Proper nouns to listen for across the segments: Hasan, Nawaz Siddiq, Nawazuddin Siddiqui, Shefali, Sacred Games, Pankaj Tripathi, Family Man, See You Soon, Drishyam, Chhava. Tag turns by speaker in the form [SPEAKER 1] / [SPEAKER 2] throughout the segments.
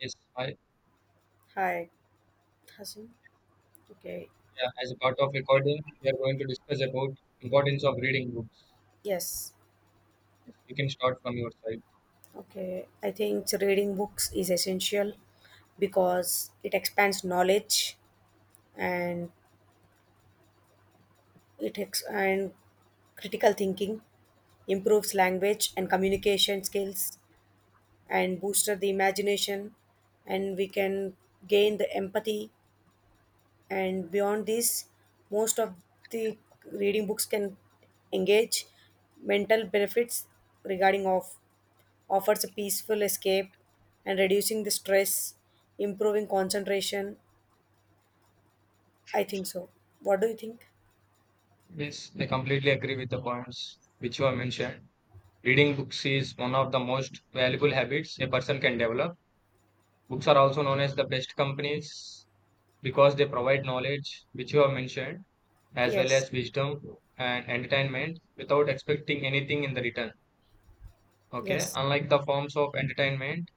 [SPEAKER 1] Yes, I,
[SPEAKER 2] Hi, Hasan. Okay,
[SPEAKER 1] yeah, as a part of recording, we are going to discuss about importance of reading books.
[SPEAKER 2] yes.
[SPEAKER 1] You can start from your side.
[SPEAKER 2] Okay, I think reading books is essential because it expands knowledge and and critical thinking, improves language and communication skills, and boosts the imagination, and we can gain the empathy. And beyond this, most of the reading books can engage mental benefits regarding of offers a peaceful escape and reducing the stress, improving concentration. I think so. What do you think?
[SPEAKER 1] Yes, I completely agree with the points which you have mentioned. Reading books is one of the most valuable habits a person can develop. Books are also known as the best companies because they provide knowledge, which you have mentioned, as well
[SPEAKER 2] Yes,
[SPEAKER 1] as wisdom and entertainment without expecting anything in the return. Okay,
[SPEAKER 2] yes,
[SPEAKER 1] unlike the forms of entertainment,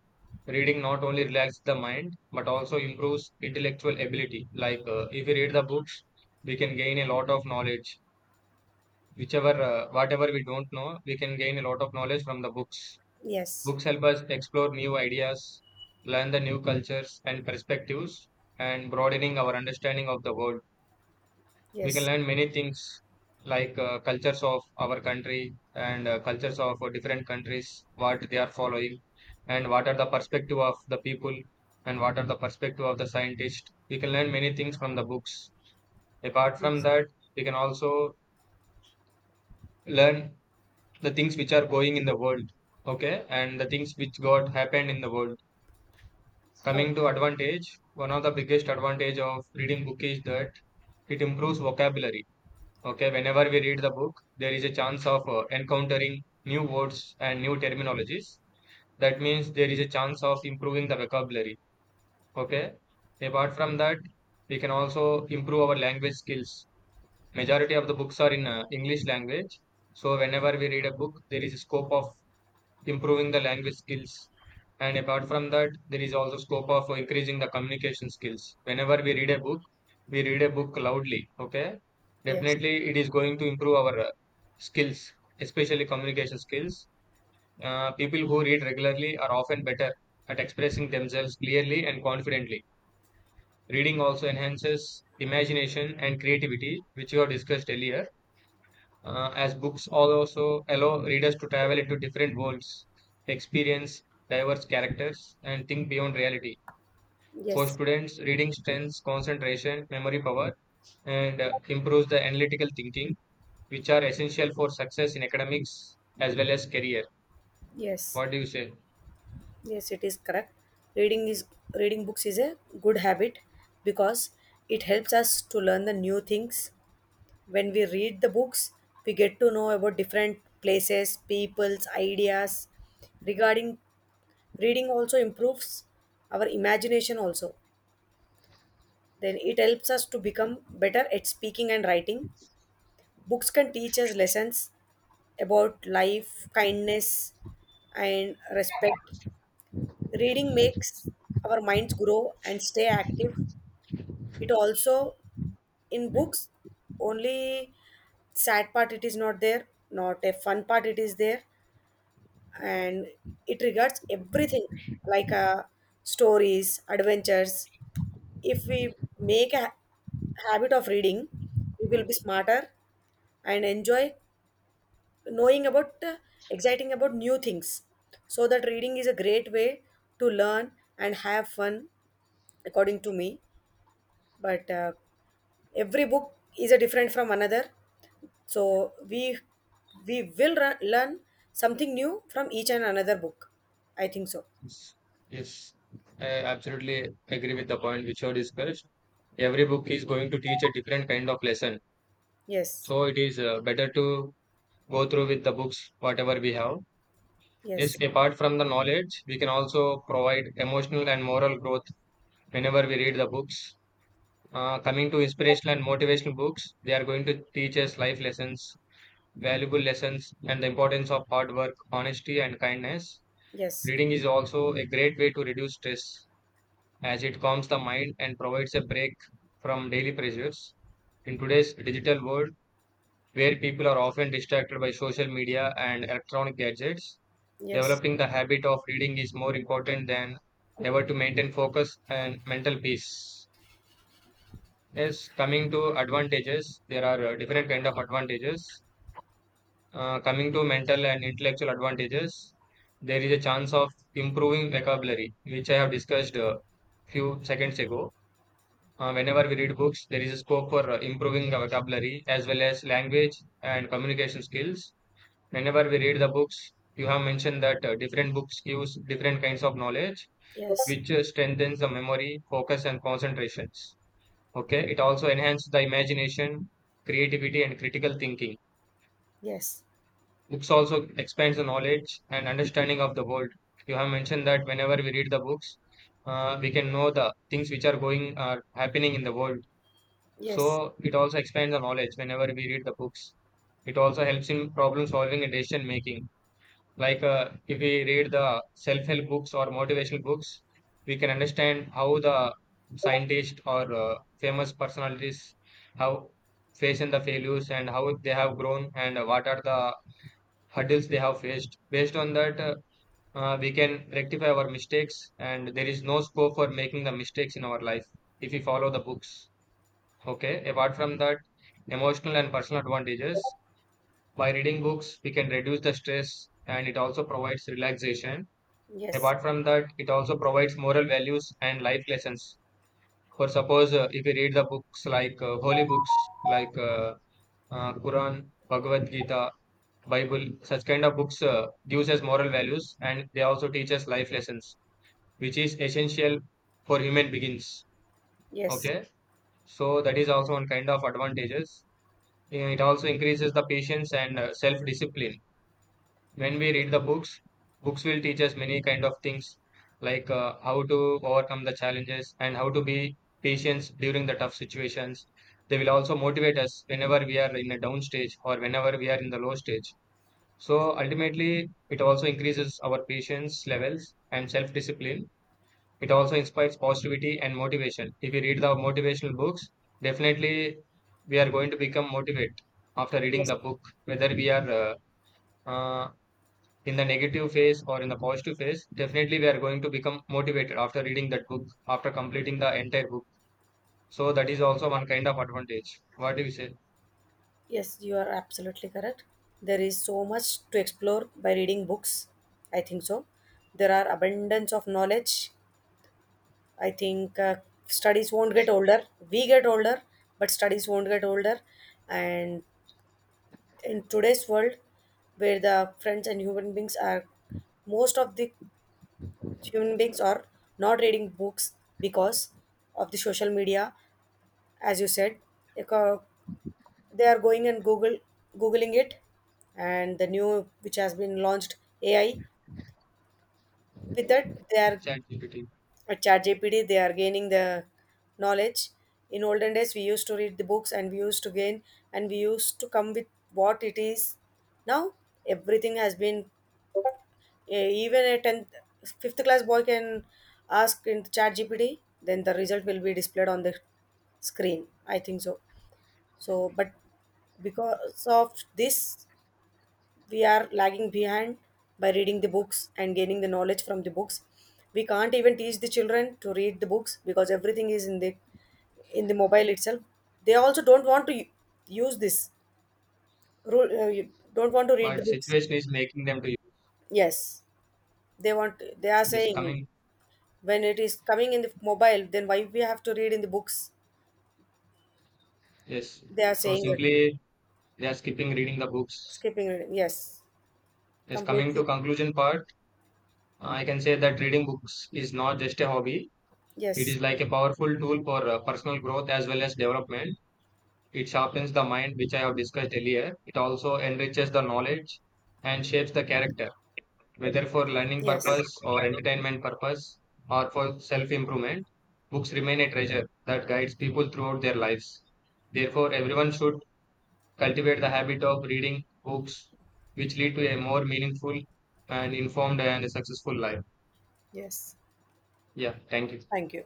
[SPEAKER 1] reading not only relaxes the mind but also improves intellectual ability. Like if we read the books, we can gain a lot of knowledge. Whatever we don't know, we can gain a lot of knowledge from the books.
[SPEAKER 2] yes,
[SPEAKER 1] Books help us explore new ideas, learn the new cultures and perspectives, and broadening our understanding of the world. We can
[SPEAKER 2] yes,
[SPEAKER 1] learn many things like cultures of our country and cultures of different countries, what they are following, and what are the perspective of the people, and what are the perspective of the scientist. We can learn many things from the books. Apart from
[SPEAKER 2] yes.
[SPEAKER 1] that, we can also learn the things which are going in the world, okay, and the things which got happened in the world.
[SPEAKER 2] Oh,
[SPEAKER 1] Coming to advantage, one of the biggest advantage of reading book is that it improves vocabulary. Okay, whenever we read the book, there is a chance of encountering new words and new terminologies. That means there is a chance of improving the vocabulary. Okay, apart from that, we can also improve our language skills. Majority of the books are in English language. So whenever we read a book, there is a scope of improving the language skills. And apart from that, there is also scope of increasing the communication skills. Whenever we read a book, we read a book loudly, okay?
[SPEAKER 2] yes,
[SPEAKER 1] Definitely, it is going to improve our skills, especially communication skills. People who read regularly are often better at expressing themselves clearly and confidently. Reading also enhances imagination and creativity, which you have discussed earlier, as books also allow readers to travel into different worlds, experience diverse characters, and think beyond reality. For
[SPEAKER 2] yes,
[SPEAKER 1] students, reading strengthens concentration, memory power, and improves the analytical thinking, which are essential for success in academics as well as career.
[SPEAKER 2] yes,
[SPEAKER 1] What do you say?
[SPEAKER 2] yes. It is correct. Reading is, reading books is a good habit because it helps us to learn the new things. When we read the books, we get to know about different places, people's ideas regarding. Reading also improves our imagination also. Then it helps us to become better at speaking and writing. Books can teach us lessons about life, kindness, and respect. Reading makes our minds grow and stay active. It also, in books, only sad part it is not there, not a fun part it is there, and it regards everything like stories, adventures, if we make a ha- habit of reading, we will be smarter and enjoy knowing about exciting about new things. So that reading is a great way to learn and have fun, according to me. But every book is a different from another, so we will run, learn something new from each and another book. I think so.
[SPEAKER 1] Yes, yes, I absolutely agree with the point which you discussed. Every book is going to teach a different kind of lesson,
[SPEAKER 2] Yes.
[SPEAKER 1] so it is better to go through with the books whatever we have. Yes,
[SPEAKER 2] Yes.
[SPEAKER 1] apart from the knowledge, we can also provide emotional and moral growth whenever we read the books. Coming to inspirational and motivational books, they are going to teach us life lessons, valuable lessons, and the importance of hard work, honesty, and kindness.
[SPEAKER 2] Yes.
[SPEAKER 1] Reading is also a great way to reduce stress as it calms the mind and provides a break from daily pressures. In today's digital world, where people are often distracted by social media and electronic gadgets,
[SPEAKER 2] Yes.
[SPEAKER 1] developing the habit of reading is more important than ever to maintain focus and mental peace. Yes, coming to advantages, there are different kind of advantages. Coming to mental and intellectual advantages, there is a chance of improving vocabulary, which I have discussed a few seconds ago. Whenever we read books, there is a scope for improving the vocabulary as well as language and communication skills. Whenever we read the books, you have mentioned that different books gives different kinds of knowledge,
[SPEAKER 2] Yes.
[SPEAKER 1] which strengthens the memory, focus, and concentrations. Okay, it also enhances the imagination, creativity, and critical thinking.
[SPEAKER 2] Yes.
[SPEAKER 1] Books also expands the knowledge and understanding of the world. You have mentioned that whenever we read the books, we can know the things which are going happening in the world. So it also expands the knowledge whenever we read the books. It also helps in problem solving and decision making. Like if we read the self-help books or motivational books, we can understand how the
[SPEAKER 2] Yes.
[SPEAKER 1] scientists or famous personalities have faced in the failures and how they have grown and what are the hurdles they have faced. Based on that, we can rectify our mistakes, and there is no scope for making the mistakes in our life if we follow the books. Okay. Apart from that, emotional and personal advantages. By reading books, we can reduce the stress and it also provides relaxation.
[SPEAKER 2] Yes,
[SPEAKER 1] Apart from that, it also provides moral values and life lessons. For suppose, if you read the books like holy books like Quran, Bhagavad Gita, Bible, such kind of books gives us moral values and they also teach us life lessons, which is essential for human beings.
[SPEAKER 2] yes,
[SPEAKER 1] Okay, so that is also one kind of advantages. It also increases the patience and self discipline. When we read the books, books will teach us many kind of things like how to overcome the challenges and how to be patient during the tough situations. They will also motivate us whenever we are in a down stage or whenever we are in the low stage. So ultimately it also increases our patience levels and self discipline. It also inspires positivity and motivation. If we read the motivational books, definitely we are going to become motivated after reading
[SPEAKER 2] yes,
[SPEAKER 1] the book, whether we are uh, in the negative phase or in the positive phase. Definitely we are going to become motivated after reading that book, after completing the entire book. So that is also one kind of advantage. What do you say?
[SPEAKER 2] yes, you are absolutely correct. There is so much to explore by reading books. I think so. There are abundance of knowledge. I think studies won't get older. We get older, but studies won't get older. And in today's world, where the friends and human beings are, most of the human beings are not reading books because of the social media, as you said, eco- they are going and google googling it, and the new which has been launched, AI, with that they are
[SPEAKER 1] ChatGPT.
[SPEAKER 2] at chat gpd, they are gaining the knowledge. In olden days we used to read the books and we used to gain, and we used to come with what it is. Now everything has been, even a 10th fifth class boy can ask in chat gpd, then the result will be displayed on the screen, I think so. So but because of this we are lagging behind. By reading the books and gaining the knowledge from the books, we can't even teach the children to read the books because everything is in the mobile itself. They also don't want to use this rule. Uh, you don't want to read the
[SPEAKER 1] But
[SPEAKER 2] books.
[SPEAKER 1] situation is making them to use.
[SPEAKER 2] Yes, they are
[SPEAKER 1] Yes,
[SPEAKER 2] saying,
[SPEAKER 1] coming.
[SPEAKER 2] when it is coming in the mobile, then why we have to read in the books?
[SPEAKER 1] Yes.
[SPEAKER 2] They are
[SPEAKER 1] So
[SPEAKER 2] saying that.
[SPEAKER 1] simply they are skipping reading the books.
[SPEAKER 2] Skipping reading. Yes,
[SPEAKER 1] Yes, coming
[SPEAKER 2] completely.
[SPEAKER 1] to conclusion part, I can say that reading books is not just a hobby. It
[SPEAKER 2] Yes.
[SPEAKER 1] is like a powerful tool for personal growth as well as development. It sharpens the mind, which I have discussed earlier. It also enriches the knowledge and shapes the character, whether for learning
[SPEAKER 2] Yes.
[SPEAKER 1] purpose or entertainment purpose or for self improvement. Books remain a treasure that guides people throughout their lives. Therefore, everyone should cultivate the habit of reading books, which lead to a more meaningful and informed and successful life.
[SPEAKER 2] Yes.
[SPEAKER 1] Yeah, thank you.
[SPEAKER 2] Thank you.